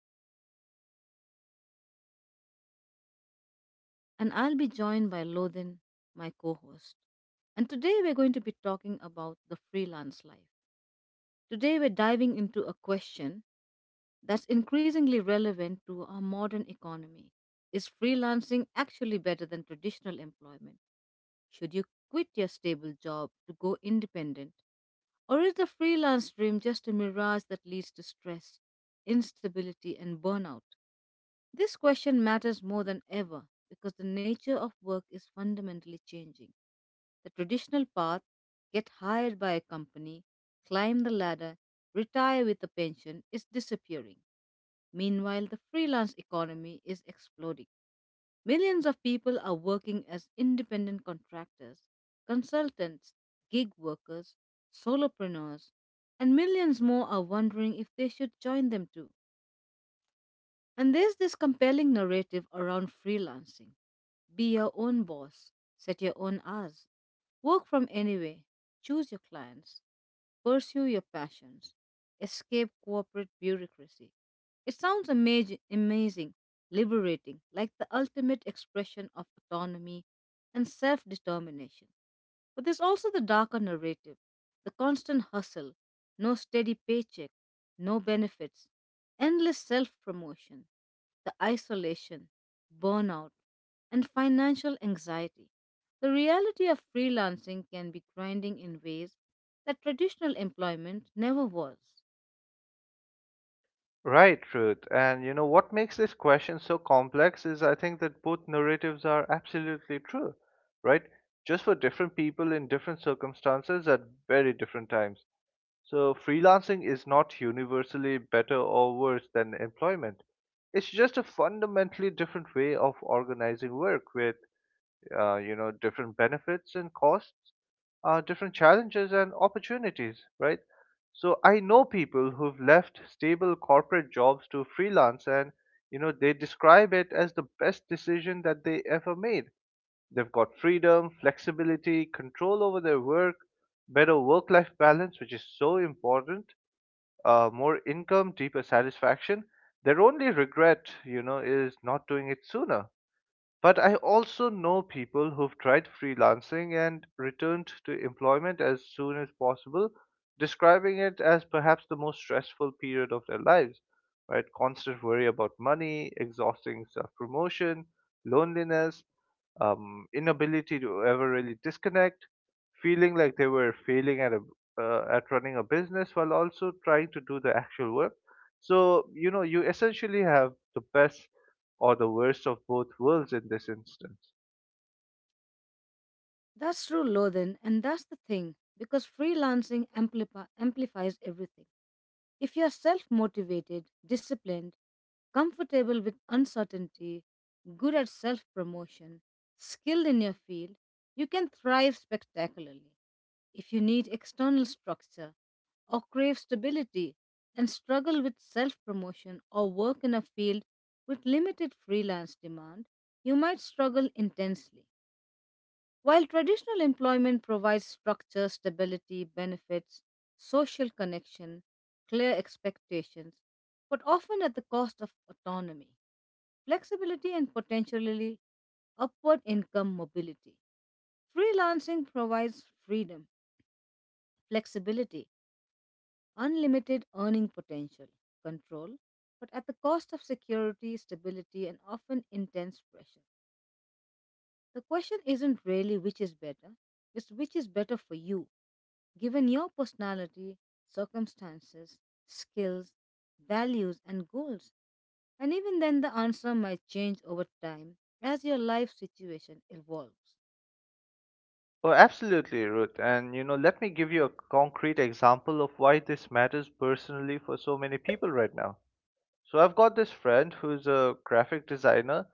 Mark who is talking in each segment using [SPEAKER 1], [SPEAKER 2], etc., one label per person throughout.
[SPEAKER 1] Welcome back, everyone. I'm Ruth, your host for today, and I'll be joined by Lodin, my co host. And today we're going to be talking about the freelance life. Today we're diving into a question that's increasingly relevant to our modern economy. Is freelancing actually better than traditional employment? Should you quit your stable job to go independent? Or is the freelance dream just a mirage that leads to stress, instability, and burnout? This question matters more than ever because the nature of work is fundamentally changing. The traditional path, get hired by a company, climb the ladder, retire with a pension, is disappearing. Meanwhile, the freelance economy is exploding. Millions of people are working as independent contractors, consultants, gig workers, solopreneurs, and millions more are wondering if they should join them too. And there's this compelling narrative around freelancing, be your own boss, set your own hours, work from anywhere, choose your clients, pursue your passions, escape corporate bureaucracy. It sounds amazing, liberating, like the ultimate expression of autonomy and self determination. But there's also the darker narrative, the constant hustle, no steady paycheck, no benefits, endless self promotion, the isolation, burnout, and financial anxiety. The reality of freelancing can be grinding in ways that traditional employment never was.
[SPEAKER 2] Right, Ruth. And you know what makes this question so complex is I think that both narratives are absolutely true, right? Just for different people in different circumstances at very different times. So, freelancing is not universally better or worse than employment. It's just a fundamentally different way of organizing work with you know, different benefits and costs, different challenges and opportunities, right? So I know people who've left stable corporate jobs to freelance and, you know, they describe it as the best decision that they ever made. They've got freedom, flexibility, control over their work, better work life balance, which is so important, more income, deeper satisfaction. Their only regret, you know, is not doing it sooner, but I also know people who've tried freelancing and returned to employment as soon as possible, describing it as perhaps the most stressful period of their lives, right? Constant worry about money, exhausting self promotion, loneliness, inability to ever really disconnect, feeling like they were failing at at running a business while also trying to do the actual work. So you know, you essentially have the best or the worst of both worlds in this instance.
[SPEAKER 1] That's true, Lothin, and that's the thing because freelancing amplifies everything. If you're self motivated, disciplined, comfortable with uncertainty, good at self promotion, skilled in your field, you can thrive spectacularly. If you need external structure or crave stability and struggle with self promotion or work in a field with limited freelance demand, you might struggle intensely. While traditional employment provides structure, stability, benefits, social connection, clear expectations, but often at the cost of autonomy, flexibility, and potentially upward income mobility. Freelancing provides freedom, flexibility, unlimited earning potential, control, but at the cost of security, stability, and often intense pressure. The question isn't really which is better, it's which is better for you, given your personality, circumstances, skills, values, and goals. And even then, the answer might change over time as your life situation evolves.
[SPEAKER 2] Oh, absolutely, Ruth. And you know, let me give you a concrete example of why this matters personally for so many people right now. So I've got this friend who's a graphic designer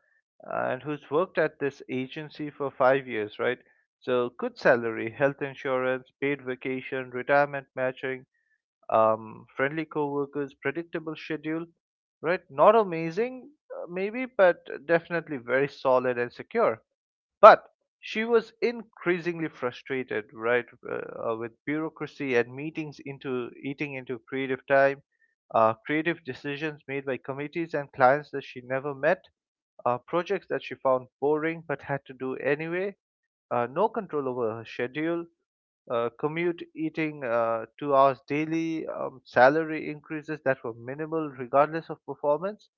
[SPEAKER 2] and who's worked at this agency for 5 years, right? So good salary, health insurance, paid vacation, retirement matching, friendly coworkers, predictable schedule, right? Not amazing, maybe, but definitely very solid and secure. But she was increasingly frustrated, right, with bureaucracy and meetings into eating into creative time, creative decisions made by committees and clients that she never met, projects that she found boring but had to do anyway, no control over her schedule, commute, eating 2 hours daily, salary increases that were minimal regardless of performance.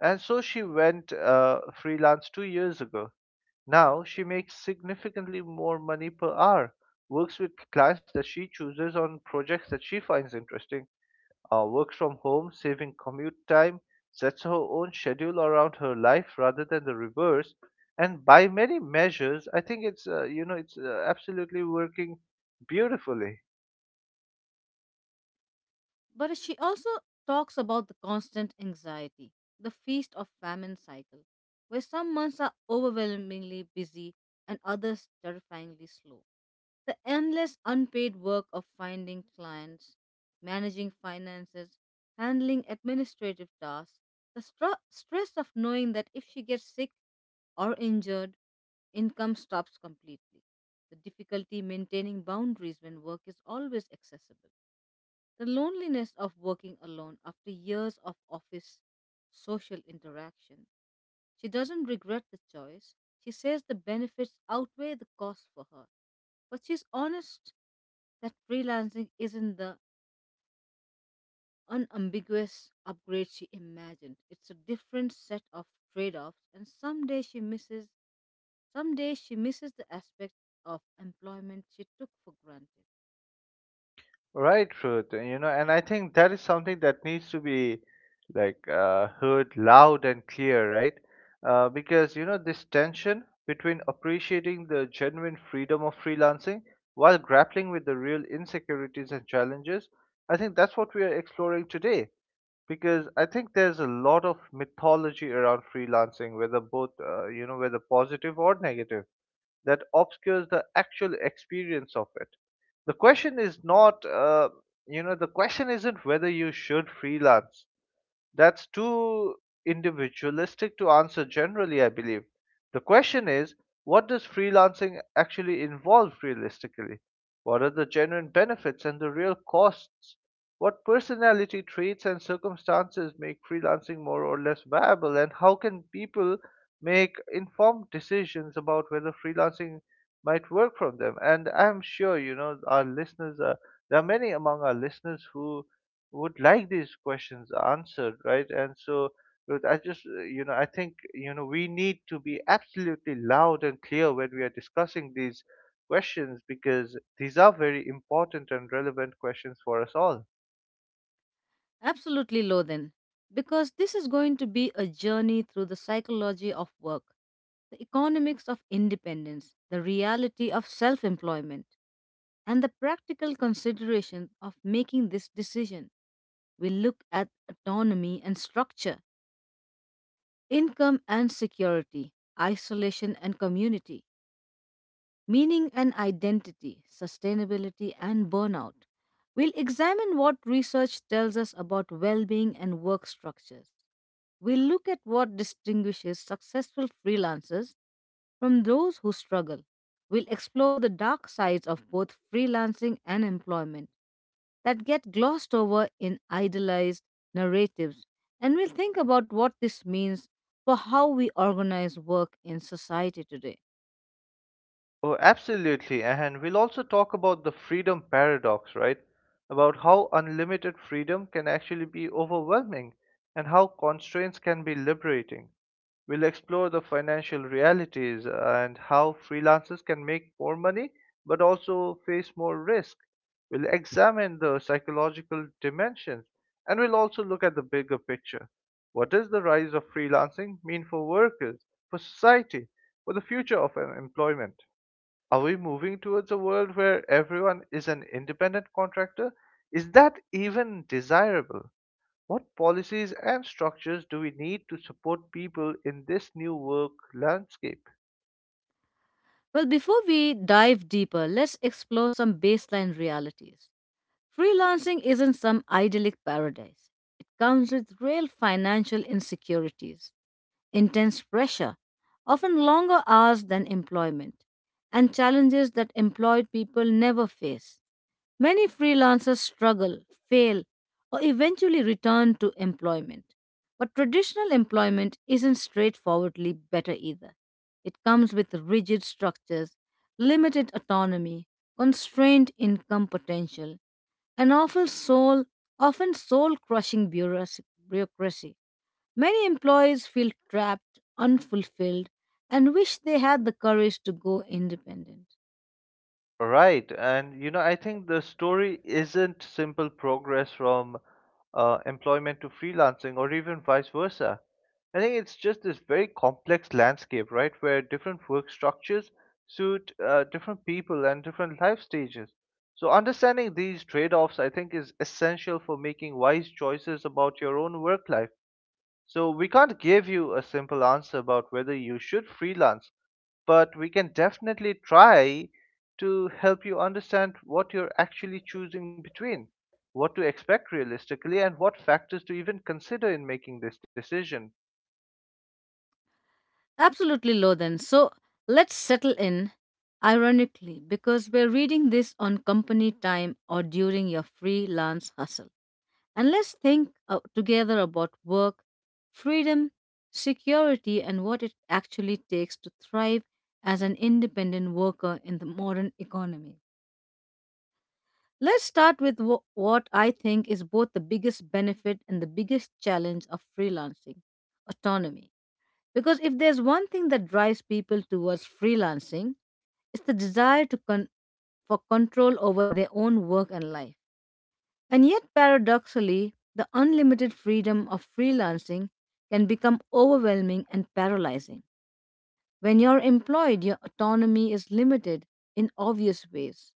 [SPEAKER 2] And so she went freelance 2 years ago. Now she makes significantly more money per hour, works with clients that she chooses on projects that she finds interesting, works from home, saving commute time, sets her own schedule around her life rather than the reverse. And by many measures, I think it's you know it's absolutely working beautifully.
[SPEAKER 1] But she also talks about the constant anxiety, the feast of famine cycle, where some months are overwhelmingly busy and others terrifyingly slow. The endless unpaid work of finding clients, managing finances, handling administrative tasks, the stress of knowing that if she gets sick or injured, income stops completely, the difficulty maintaining boundaries when work is always accessible, the loneliness of working alone after years of office social interaction. She doesn't regret the choice. She says the benefits outweigh the cost for her. But she's honest that freelancing isn't the unambiguous upgrade she imagined. It's a different set of trade-offs, and someday she misses the aspects of employment she took for granted.
[SPEAKER 2] Right, Ruth. You know, and I think that is something that needs to be like heard loud and clear, right? Because you know, this tension between appreciating the genuine freedom of freelancing while grappling with the real insecurities and challenges. I think that's what we are exploring today. Because I think there's a lot of mythology around freelancing, whether both, you know, whether positive or negative, that obscures the actual experience of it. The question is not, uh, the question isn't whether you should freelance. That's too individualistic to answer generally, I believe. The question is, what does freelancing actually involve realistically? What are the genuine benefits and the real costs? What personality traits and circumstances make freelancing more or less viable? And how can people make informed decisions about whether freelancing might work for them? And I'm sure, you know, there are many among our listeners who would like these questions answered, right? And so, Ruth, I just, you know, I think, you know, we need to be absolutely loud and clear when we are discussing these questions, because these are very important and relevant questions for us all.
[SPEAKER 1] Absolutely, Lothan, because this is going to be a journey through the psychology of work, the economics of independence, the reality of self-employment, and the practical consideration of making this decision. We look at autonomy and structure, income and security, isolation and community, meaning and identity, sustainability and burnout. We'll examine what research tells us about well being and work structures. We'll look at what distinguishes successful freelancers from those who struggle. We'll explore the dark sides of both freelancing and employment that get glossed over in idealized narratives, and we'll think about what this means for how we organize work in society today.
[SPEAKER 2] Oh, absolutely. And we'll also talk about the freedom paradox, right? About how unlimited freedom can actually be overwhelming and how constraints can be liberating. We'll explore the financial realities and how freelancers can make more money but also face more risk. We'll examine the psychological dimensions, and we'll also look at the bigger picture. What does the rise of freelancing mean for workers, for society, for the future of employment? Are we moving towards a world where everyone is an independent contractor? Is that even desirable? What policies and structures do we need to support people in this new work landscape?
[SPEAKER 1] Well, before we dive deeper, let's explore some baseline realities. Freelancing isn't some idyllic paradise, it comes with real financial insecurities, intense pressure, often longer hours than employment, and challenges that employed people never face. Many freelancers struggle, fail, or eventually return to employment. But traditional employment isn't straightforwardly better either. It comes with rigid structures, limited autonomy, constrained income potential, and often soul crushing bureaucracy. Many employees feel trapped, unfulfilled, and wish they had the courage to go independent.
[SPEAKER 2] Right. And, you know, I think the story isn't simple progress from employment to freelancing or even vice versa. I think it's just this very complex landscape, right, where different work structures suit different people and different life stages. So, understanding these trade offs, I think, is essential for making wise choices about your own work life. So we can't give you a simple answer about whether you should freelance, but we can definitely try to help you understand what you're actually choosing between, what to expect realistically, and what factors to even consider in making this decision.
[SPEAKER 1] Absolutely, Lothan. So let's settle in, ironically, because we're reading this on company time or during your freelance hustle. And let's think together about work, freedom, security, and what it actually takes to thrive as an independent worker in the modern economy. Let's start with what I think is both the biggest benefit and the biggest challenge of freelancing, autonomy. Because if there's one thing that drives people towards freelancing, it's the desire for control over their own work and life. And yet, paradoxically, the unlimited freedom of freelancing can become overwhelming and paralyzing. When you're employed, your autonomy is limited in obvious ways.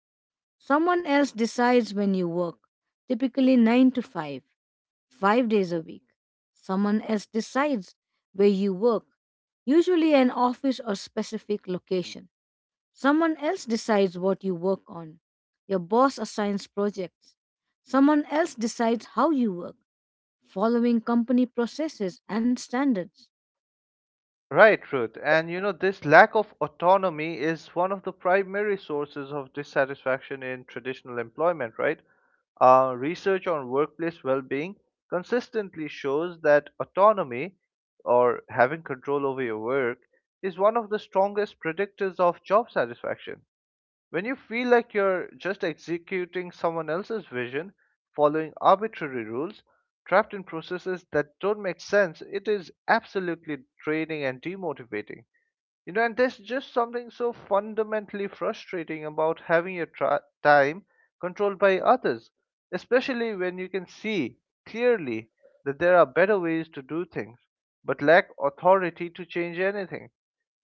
[SPEAKER 1] Someone else decides when you work, typically 9 to 5, 5 days a week. Someone else decides where you work, usually an office or specific location. Someone else decides what you work on. Your boss assigns projects. Someone else decides how you work, following company processes and standards.
[SPEAKER 2] Right, Ruth. And you know, this lack of autonomy is one of the primary sources of dissatisfaction in traditional employment, right? Research on workplace well being consistently shows that autonomy, or having control over your work, is one of the strongest predictors of job satisfaction. When you feel like you're just executing someone else's vision, following arbitrary rules, trapped in processes that don't make sense, it is absolutely draining and demotivating. You know, and there's just something so fundamentally frustrating about having your time controlled by others, especially when you can see clearly that there are better ways to do things, but lack authority to change anything.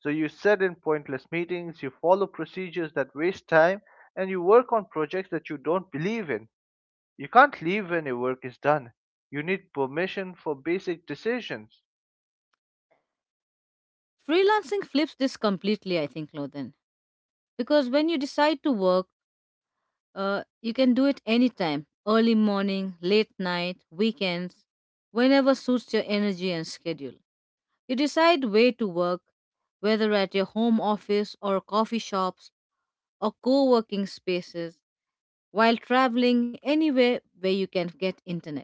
[SPEAKER 2] So you sit in pointless meetings, you follow procedures that waste time, and you work on projects that you don't believe in. You can't leave when your work is done. You need permission for basic decisions.
[SPEAKER 1] Freelancing flips this completely, I think, Loden. Because when you decide to work, you can do it anytime, early morning, late night, weekends, whenever suits your energy and schedule. You decide where to work, whether at your home office or coffee shops or co working spaces, while traveling anywhere where you can get internet.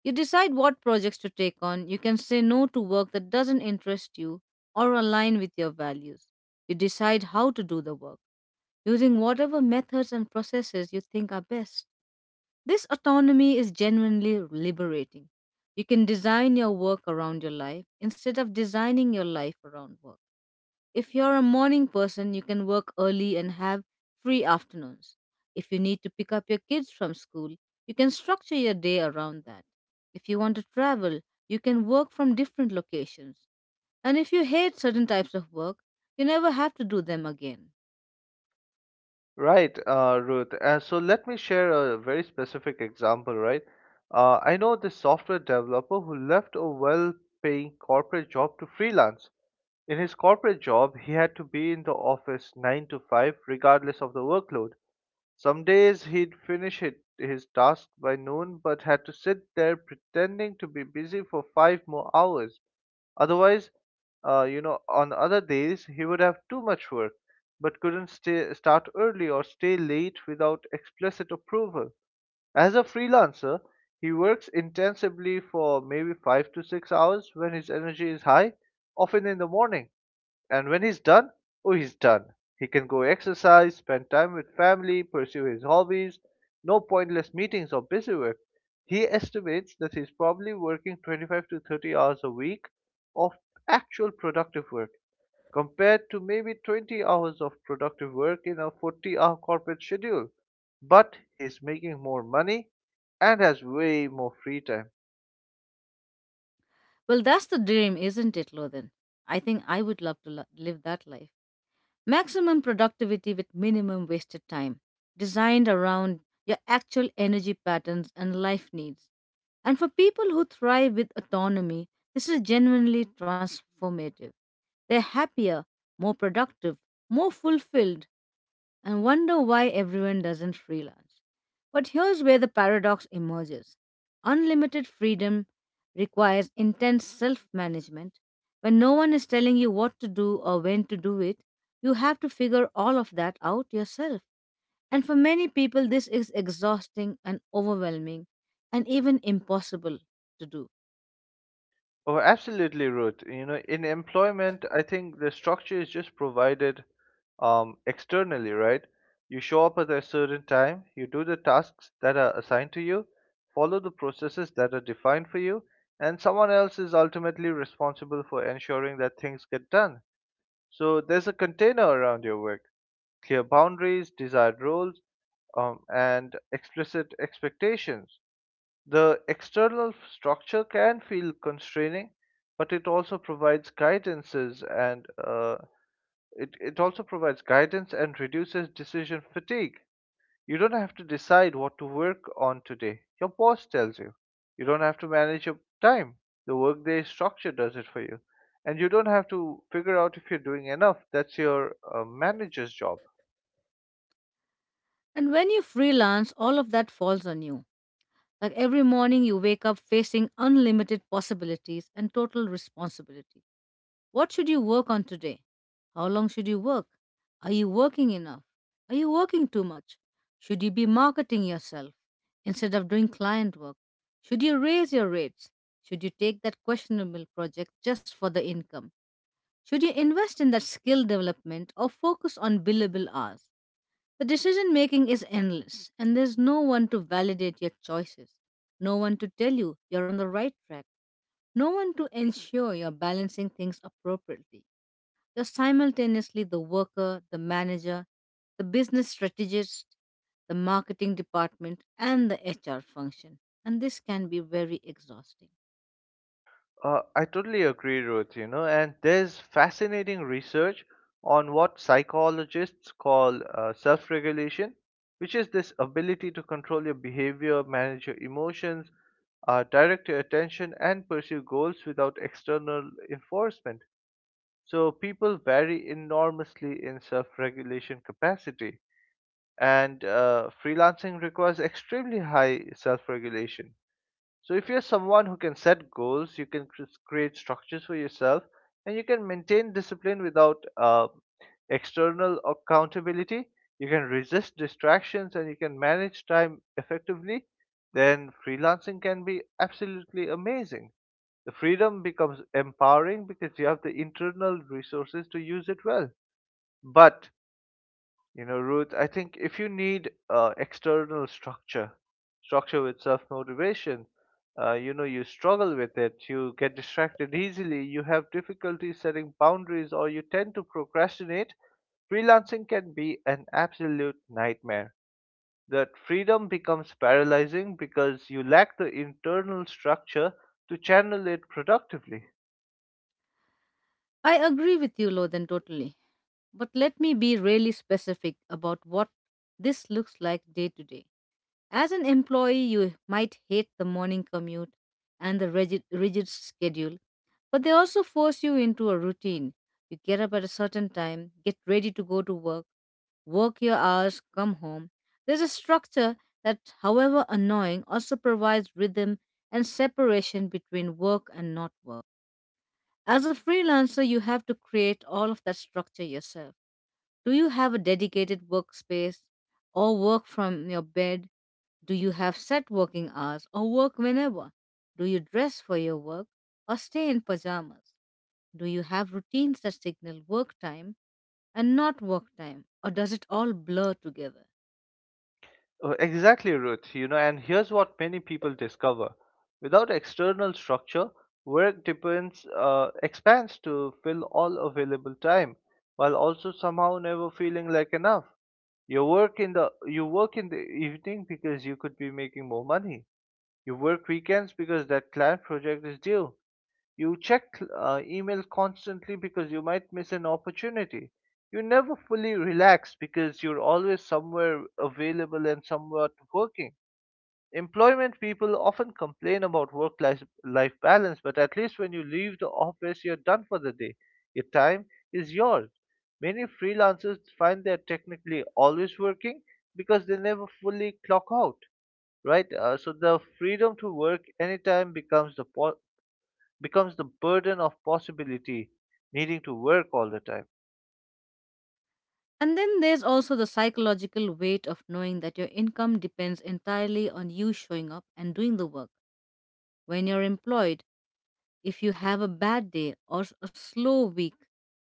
[SPEAKER 1] You decide what projects to take on. You can say no to work that doesn't interest you or align with your values. You decide how to do the work, using whatever methods and processes you think are best. This autonomy is genuinely liberating. You can design your work around your life instead of designing your life around work. If you're a morning person, you can work early and have free afternoons. If you need to pick up your kids from school, you can structure your day around that. If you want to travel, you can work from different locations. And if you hate certain types of work, you never have to do them again.
[SPEAKER 2] Right, Ruth. So let me share a very specific example, right? I know this software developer who left a well-paying corporate job to freelance. In his corporate job, he had to be in the office 9 to 5, regardless of the workload. Some days he'd finish his task by noon, but had to sit there pretending to be busy for five more hours. Otherwise, you know, on other days he would have too much work, but couldn't stay, start early or stay late without explicit approval. As a freelancer, he works intensively for maybe 5 to 6 hours when his energy is high, often in the morning. And when he's done, oh, he's done. He can go exercise, spend time with family, pursue his hobbies, no pointless meetings or busy work. He estimates that he's probably working 25 to 30 hours a week of actual productive work, compared to maybe 20 hours of productive work in a 40-hour corporate schedule. But he's making more money and has way more free time.
[SPEAKER 1] Well, that's the dream, isn't it, Lothan? I think I would love to live that life. Maximum productivity with minimum wasted time, designed around your actual energy patterns and life needs. And for people who thrive with autonomy, this is genuinely transformative. They're happier, more productive, more fulfilled, and wonder why everyone doesn't freelance. But here's where the paradox emerges, unlimited freedom requires intense self management. When no one is telling you what to do or when to do it, you have to figure all of that out yourself. And for many people, this is exhausting and overwhelming and even impossible to do.
[SPEAKER 2] Oh, absolutely, Ruth. You know, in employment, I think the structure is just provided externally, right? You show up at a certain time, you do the tasks that are assigned to you, follow the processes that are defined for you, and someone else is ultimately responsible for ensuring that things get done. So there's a container around your work, clear boundaries, desired roles, and explicit expectations. The external structure can feel constraining, but it also provides guidance and reduces decision fatigue. You don't have to decide what to work on today. Your boss tells you. You don't have to manage your time. The workday structure does it for you. And you don't have to figure out if you're doing enough. That's your manager's job.
[SPEAKER 1] And when you freelance, all of that falls on you. Like every morning, you wake up facing unlimited possibilities and total responsibility. What should you work on today? How long should you work? Are you working enough? Are you working too much? Should you be marketing yourself instead of doing client work? Should you raise your rates? Should you take that questionable project just for the income? Should you invest in that skill development or focus on billable hours? The decision making is endless, and there's no one to validate your choices, no one to tell you you're on the right track, no one to ensure you're balancing things appropriately. You're simultaneously the worker, the manager, the business strategist, the marketing department, and the HR function. And this can be very exhausting.
[SPEAKER 2] I totally agree, Ruth, you know, and there's fascinating research on what psychologists call self regulation, which is this ability to control your behavior, manage your emotions, direct your attention, and pursue goals without external enforcement. So people vary enormously in self regulation capacity, and freelancing requires extremely high self regulation. So, if you're someone who can set goals, you can create structures for yourself, and you can maintain discipline without external accountability, you can resist distractions, and you can manage time effectively, then freelancing can be absolutely amazing. The freedom becomes empowering because you have the internal resources to use it well. But you know, Ruth, I think if you need structure with self motivation, you know, you struggle with it, you get distracted easily, you have difficulty setting boundaries, or you tend to procrastinate, freelancing can be an absolute nightmare. That freedom becomes paralyzing because you lack the internal structure to channel it productively.
[SPEAKER 1] I agree with you, Lothan, totally. But let me be really specific about what this looks like day to day. As an employee, you might hate the morning commute and the rigid schedule, but they also force you into a routine. You get up at a certain time, get ready to go to work, work your hours, come home. There's a structure that, however annoying, also provides rhythm and separation between work and not work. As a freelancer, you have to create all of that structure yourself. Do you have a dedicated workspace or work from your bed? Do you have set working hours or work whenever? Do you dress for your work or stay in pajamas? Do you have routines that signal work time and not work time, or does it all blur together?
[SPEAKER 2] Exactly, Ruth. You know, and here's what many people discover: without external structure, work depends expands to fill all available time, while also somehow never feeling like enough. You work in the evening because you could be making more money. You work weekends because that client project is due. You check email constantly because you might miss an opportunity. You never fully relax because you're always somewhere available and somewhat working. Employment people often complain about work life balance, but at least when you leave the office, you're done for the day. Your time is yours. Many freelancers find they're technically always working because they never fully clock out, right? So the freedom to work anytime becomes becomes the burden of possibility, needing to work all the time.
[SPEAKER 1] And then there's also the psychological weight of knowing that your income depends entirely on you showing up and doing the work. When you're employed, if you have a bad day or a slow week,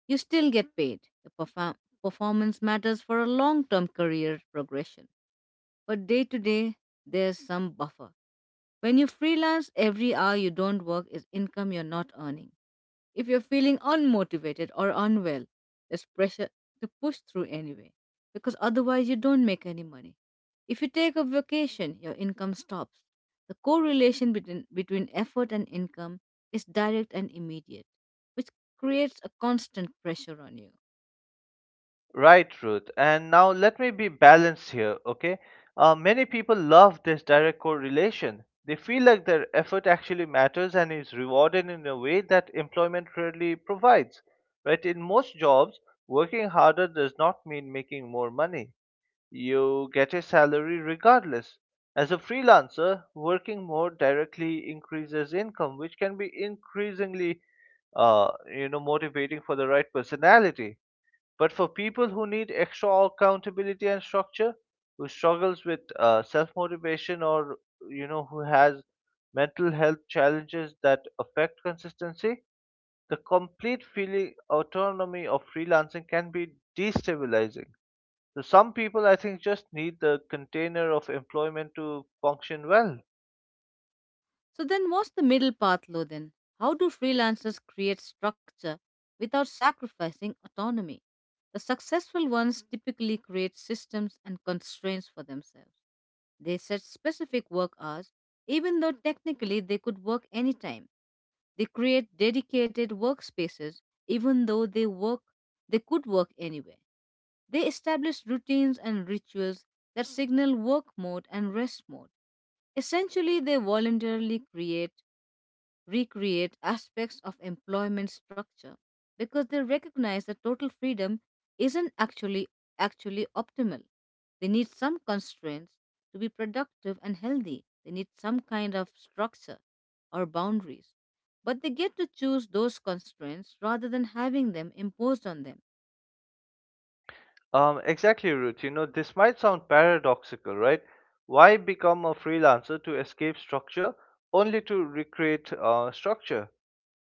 [SPEAKER 1] you still get paid. Your performance matters for a long term career progression. But day to day, there's some buffer. When you freelance, every hour you don't work is income you're not earning. If you're feeling unmotivated or unwell, there's pressure to push through anyway, because otherwise you don't make any money. If you take a vacation, your income stops. The correlation between effort and income is direct and immediate, which creates a constant pressure on you.
[SPEAKER 2] Right, Ruth. And now let me be balanced here, okay? Many people love this direct correlation. They feel like their effort actually matters and is rewarded in a way that employment rarely provides. Right? In most jobs, working harder does not mean making more money. You get a salary regardless. As a freelancer, working more directly increases income, which can be increasingly, uh, motivating for the right personality. But for people who need extra accountability and structure, who struggles with self motivation, or who has mental health challenges that affect consistency, the complete feeling autonomy of freelancing can be destabilizing. So some people, I think, just need the container of employment to function well.
[SPEAKER 1] So, then what's the middle path, Lodin? How do freelancers create structure without sacrificing autonomy? The successful ones typically create systems and constraints for themselves. They set specific work hours, even though technically they could work anytime. They create dedicated workspaces, even though they could work anywhere. They establish routines and rituals that signal work mode and rest mode. Essentially, they voluntarily create recreate aspects of employment structure because they recognize that total freedom isn't actually actually optimal. They need some constraints to be productive and healthy. They need some kind of structure or boundaries. But they get to choose those constraints rather than having them imposed on them.
[SPEAKER 2] Exactly, Ruth. You know, this might sound paradoxical, right? Why become a freelancer to escape structure only to recreate structure?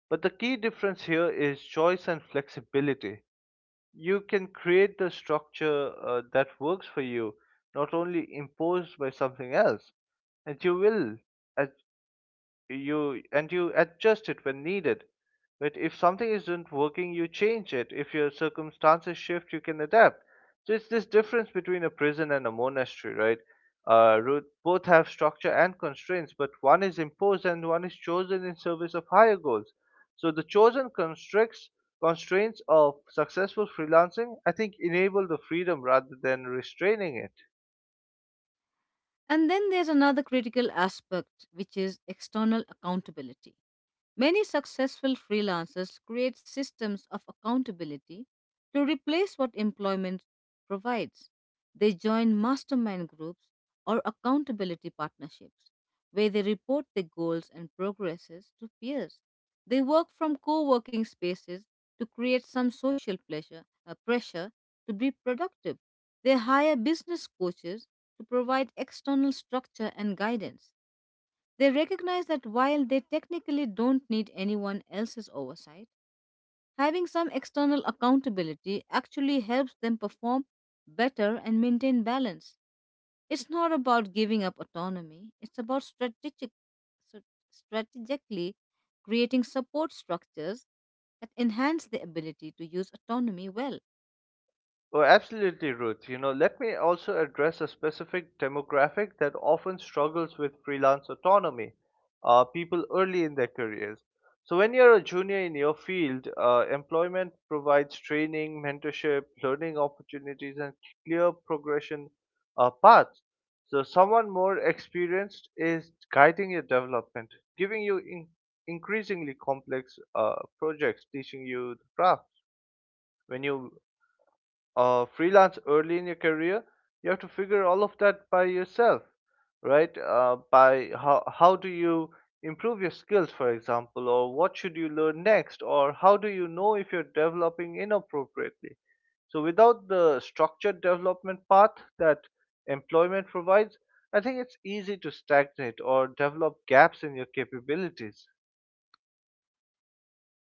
[SPEAKER 2] But the key difference here is choice and flexibility. You can create the structure that works for you, not only imposed by something else. And you will. As You adjust it when needed, but if something isn't working, you change it. If your circumstances shift, you can adapt. So it's this difference between a prison and a monastery, right? Both have structure and constraints, but one is imposed and one is chosen in service of higher goals. So the chosen constricts constraints of successful freelancing, I think, enable the freedom rather than restraining it.
[SPEAKER 1] And then there's another critical aspect, which is external accountability. Many successful freelancers create systems of accountability to replace what employment provides. They join mastermind groups or accountability partnerships where they report their goals and progresses to peers. They work from co working spaces to create some social pressure to be productive. They hire business coaches to provide external structure and guidance. They recognize that while they technically don't need anyone else's oversight, having some external accountability actually helps them perform better and maintain balance. It's not about giving up autonomy, it's about so- strategically creating support structures that enhance the ability to use autonomy well.
[SPEAKER 2] Oh, absolutely, Ruth. You know, let me also address a specific demographic that often struggles with freelance autonomy, people early in their careers. So, when you're a junior in your field, employment provides training, mentorship, learning opportunities, and clear progression paths. So, someone more experienced is guiding your development, giving you increasingly complex projects, teaching you the craft. When you freelance early in your career, you have to figure all of that by yourself, right? By How do you improve your skills, for example, or what should you learn next, or how do you know if you're developing inappropriately? So without the structured development path that employment provides, I think it's easy to stagnate or develop gaps in your capabilities.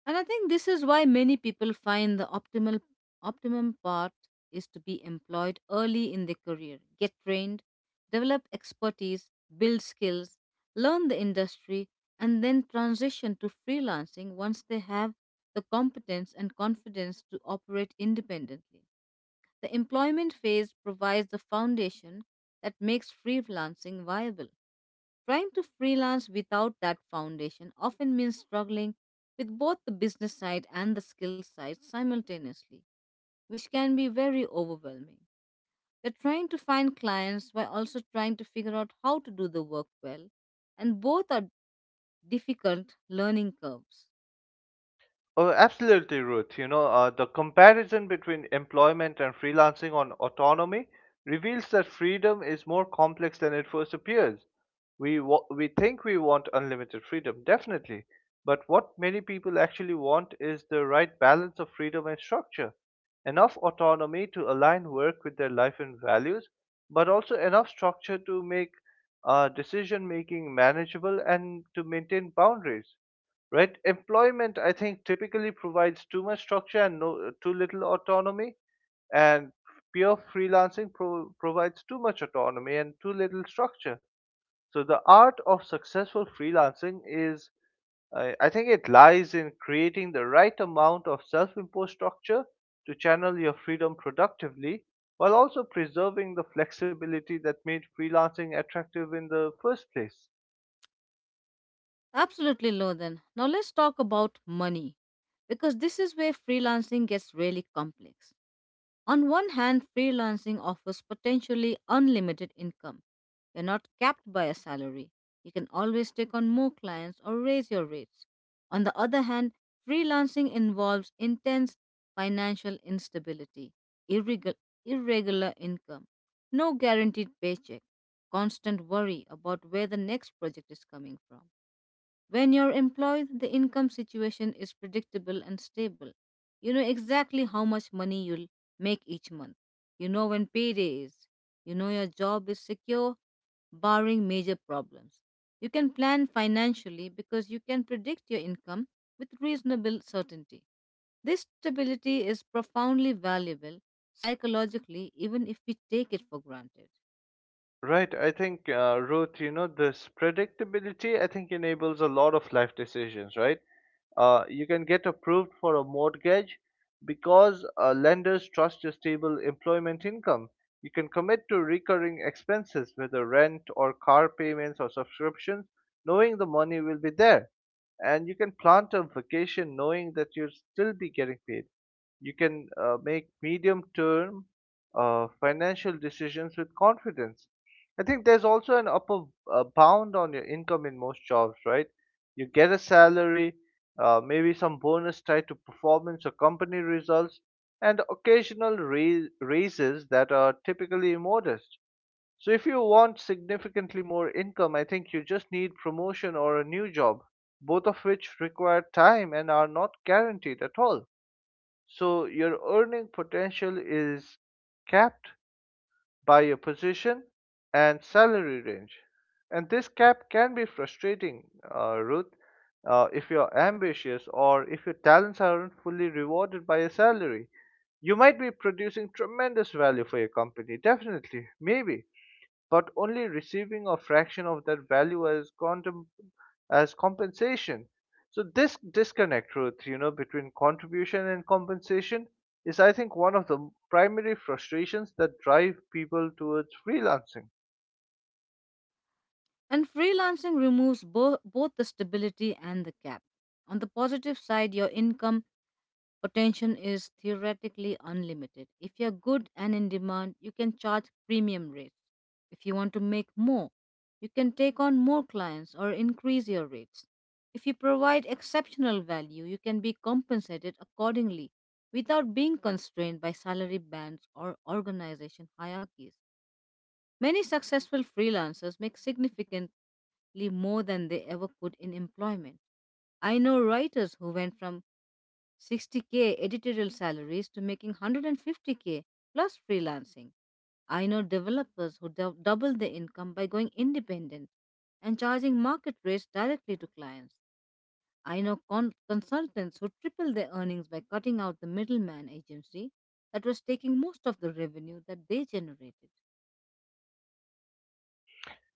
[SPEAKER 1] And I think this is why many people find the optimal optimum path is to be employed early in their career, get trained, develop expertise, build skills, learn the industry, and then transition to freelancing once they have the competence and confidence to operate independently. The employment phase provides the foundation that makes freelancing viable. Trying to freelance without that foundation often means struggling with both the business side and the skill side simultaneously, which can be very overwhelming. You're trying to find clients while also trying to figure out how to do the work well, and both are difficult learning curves.
[SPEAKER 2] Oh, absolutely, Ruth. You know, the comparison between employment and freelancing on autonomy reveals that freedom is more complex than it first appears. We think we want unlimited freedom, definitely, but what many people actually want is the right balance of freedom and structure. Enough autonomy to align work with their life and values, but also enough structure to make decision making manageable and to maintain boundaries, right? Employment, I think, typically provides too much structure and no, too little autonomy, and pure freelancing provides too much autonomy and too little structure. So the art of successful freelancing is, I think, it lies in creating the right amount of self-imposed structure to channel your freedom productively. While also preserving the flexibility that made freelancing attractive in the first place.
[SPEAKER 1] Absolutely, Lothan. Now let's talk about money because this is where freelancing gets really complex. On one hand, freelancing offers potentially unlimited income. You're not capped by a salary. You can always take on more clients or raise your rates. On the other hand, freelancing involves intense financial instability, irregu- irregular income, no guaranteed paycheck, constant worry about where the next project is coming from. When you're employed, the income situation is predictable and stable. You know exactly how much money you'll make each month. You know when payday is. You know your job is secure, barring major problems. You can plan financially because you can predict your income with reasonable certainty. This stability is profoundly valuable psychologically, even if we take it for granted.
[SPEAKER 2] Right, I think, Ruth, you know, this predictability, I think, enables a lot of life decisions, right? You can get approved for a mortgage because lenders trust your stable employment income. You can commit to recurring expenses, whether rent or car payments or subscriptions, knowing the money will be there. And you can plant a vacation knowing that you'll still be getting paid. You can make medium term financial decisions with confidence. I think there's also an upper bound on your income in most jobs, right? You get a salary, maybe some bonus tied to performance or company results, and occasional raises that are typically modest. So, if you want significantly more income, I think you just need promotion or a new job, both of which require time and are not guaranteed at all. So your earning potential is capped by your position and salary range. And this cap can be frustrating, Ruth, if you're ambitious or if your talents aren't fully rewarded by a salary. You might be producing tremendous value for your company, definitely, maybe, but only receiving a fraction of that value as as compensation. So this disconnect, Ruth, you know, between contribution and compensation is, I think, one of the primary frustrations that drive people towards freelancing.
[SPEAKER 1] And freelancing removes both the stability and the cap. On the positive side, your income potential is theoretically unlimited. If you're good and in demand, you can charge premium rates. If you want to make more, you can take on more clients or increase your rates. If you provide exceptional value, you can be compensated accordingly without being constrained by salary bands or organization hierarchies. Many successful freelancers make significantly more than they ever could in employment. I know writers who went from 60K editorial salaries to making 150K plus freelancing. I know developers who double their income by going independent and charging market rates directly to clients. I know consultants who triple their earnings by cutting out the middleman agency that was taking most of the revenue that they generated.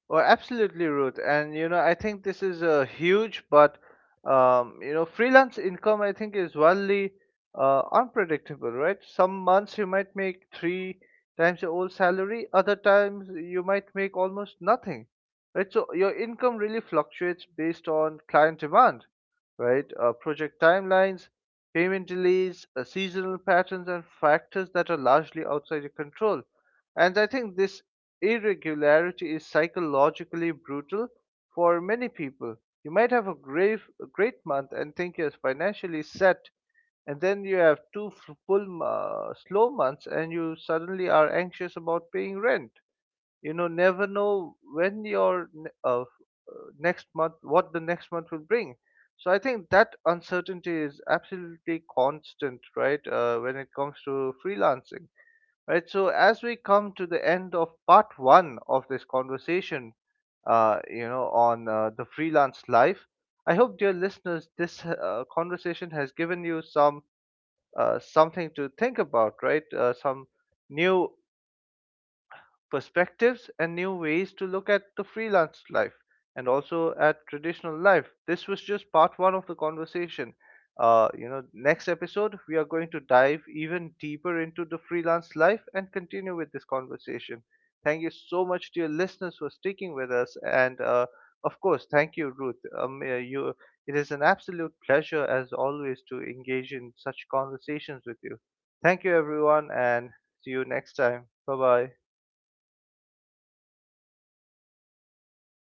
[SPEAKER 2] Oh, absolutely, Ruth. And you know, I think this is a huge, but you know, freelance income, I think, is wildly unpredictable, right? Some months you might make three times your old salary, other times you might make almost nothing, right? So your income really fluctuates based on client demand, right? Project timelines, payment delays, seasonal patterns, and factors that are largely outside your control. And I think this irregularity is psychologically brutal for many people. You might have a great month and think you're financially set, and then you have two f- full slow months and you suddenly are anxious about paying rent. You know, never know when your next month, what the next month will bring. So I think that uncertainty is absolutely constant, right, when it comes to freelancing. Right, so as we come to the end of part 1 of this conversation, you know, on the freelance life, I hope, dear listeners, this conversation has given you something to think about, right? Some new perspectives and new ways to look at the freelance life, and also at traditional life. This was just part one of the conversation. You know, next episode, we are going to dive even deeper into the freelance life and continue with this conversation. Thank you so much, dear listeners, for sticking with us. And of course, thank you, Ruth. You, it is an absolute pleasure, as always, to engage in such conversations with you. Thank you, everyone, and see you next time. Bye bye.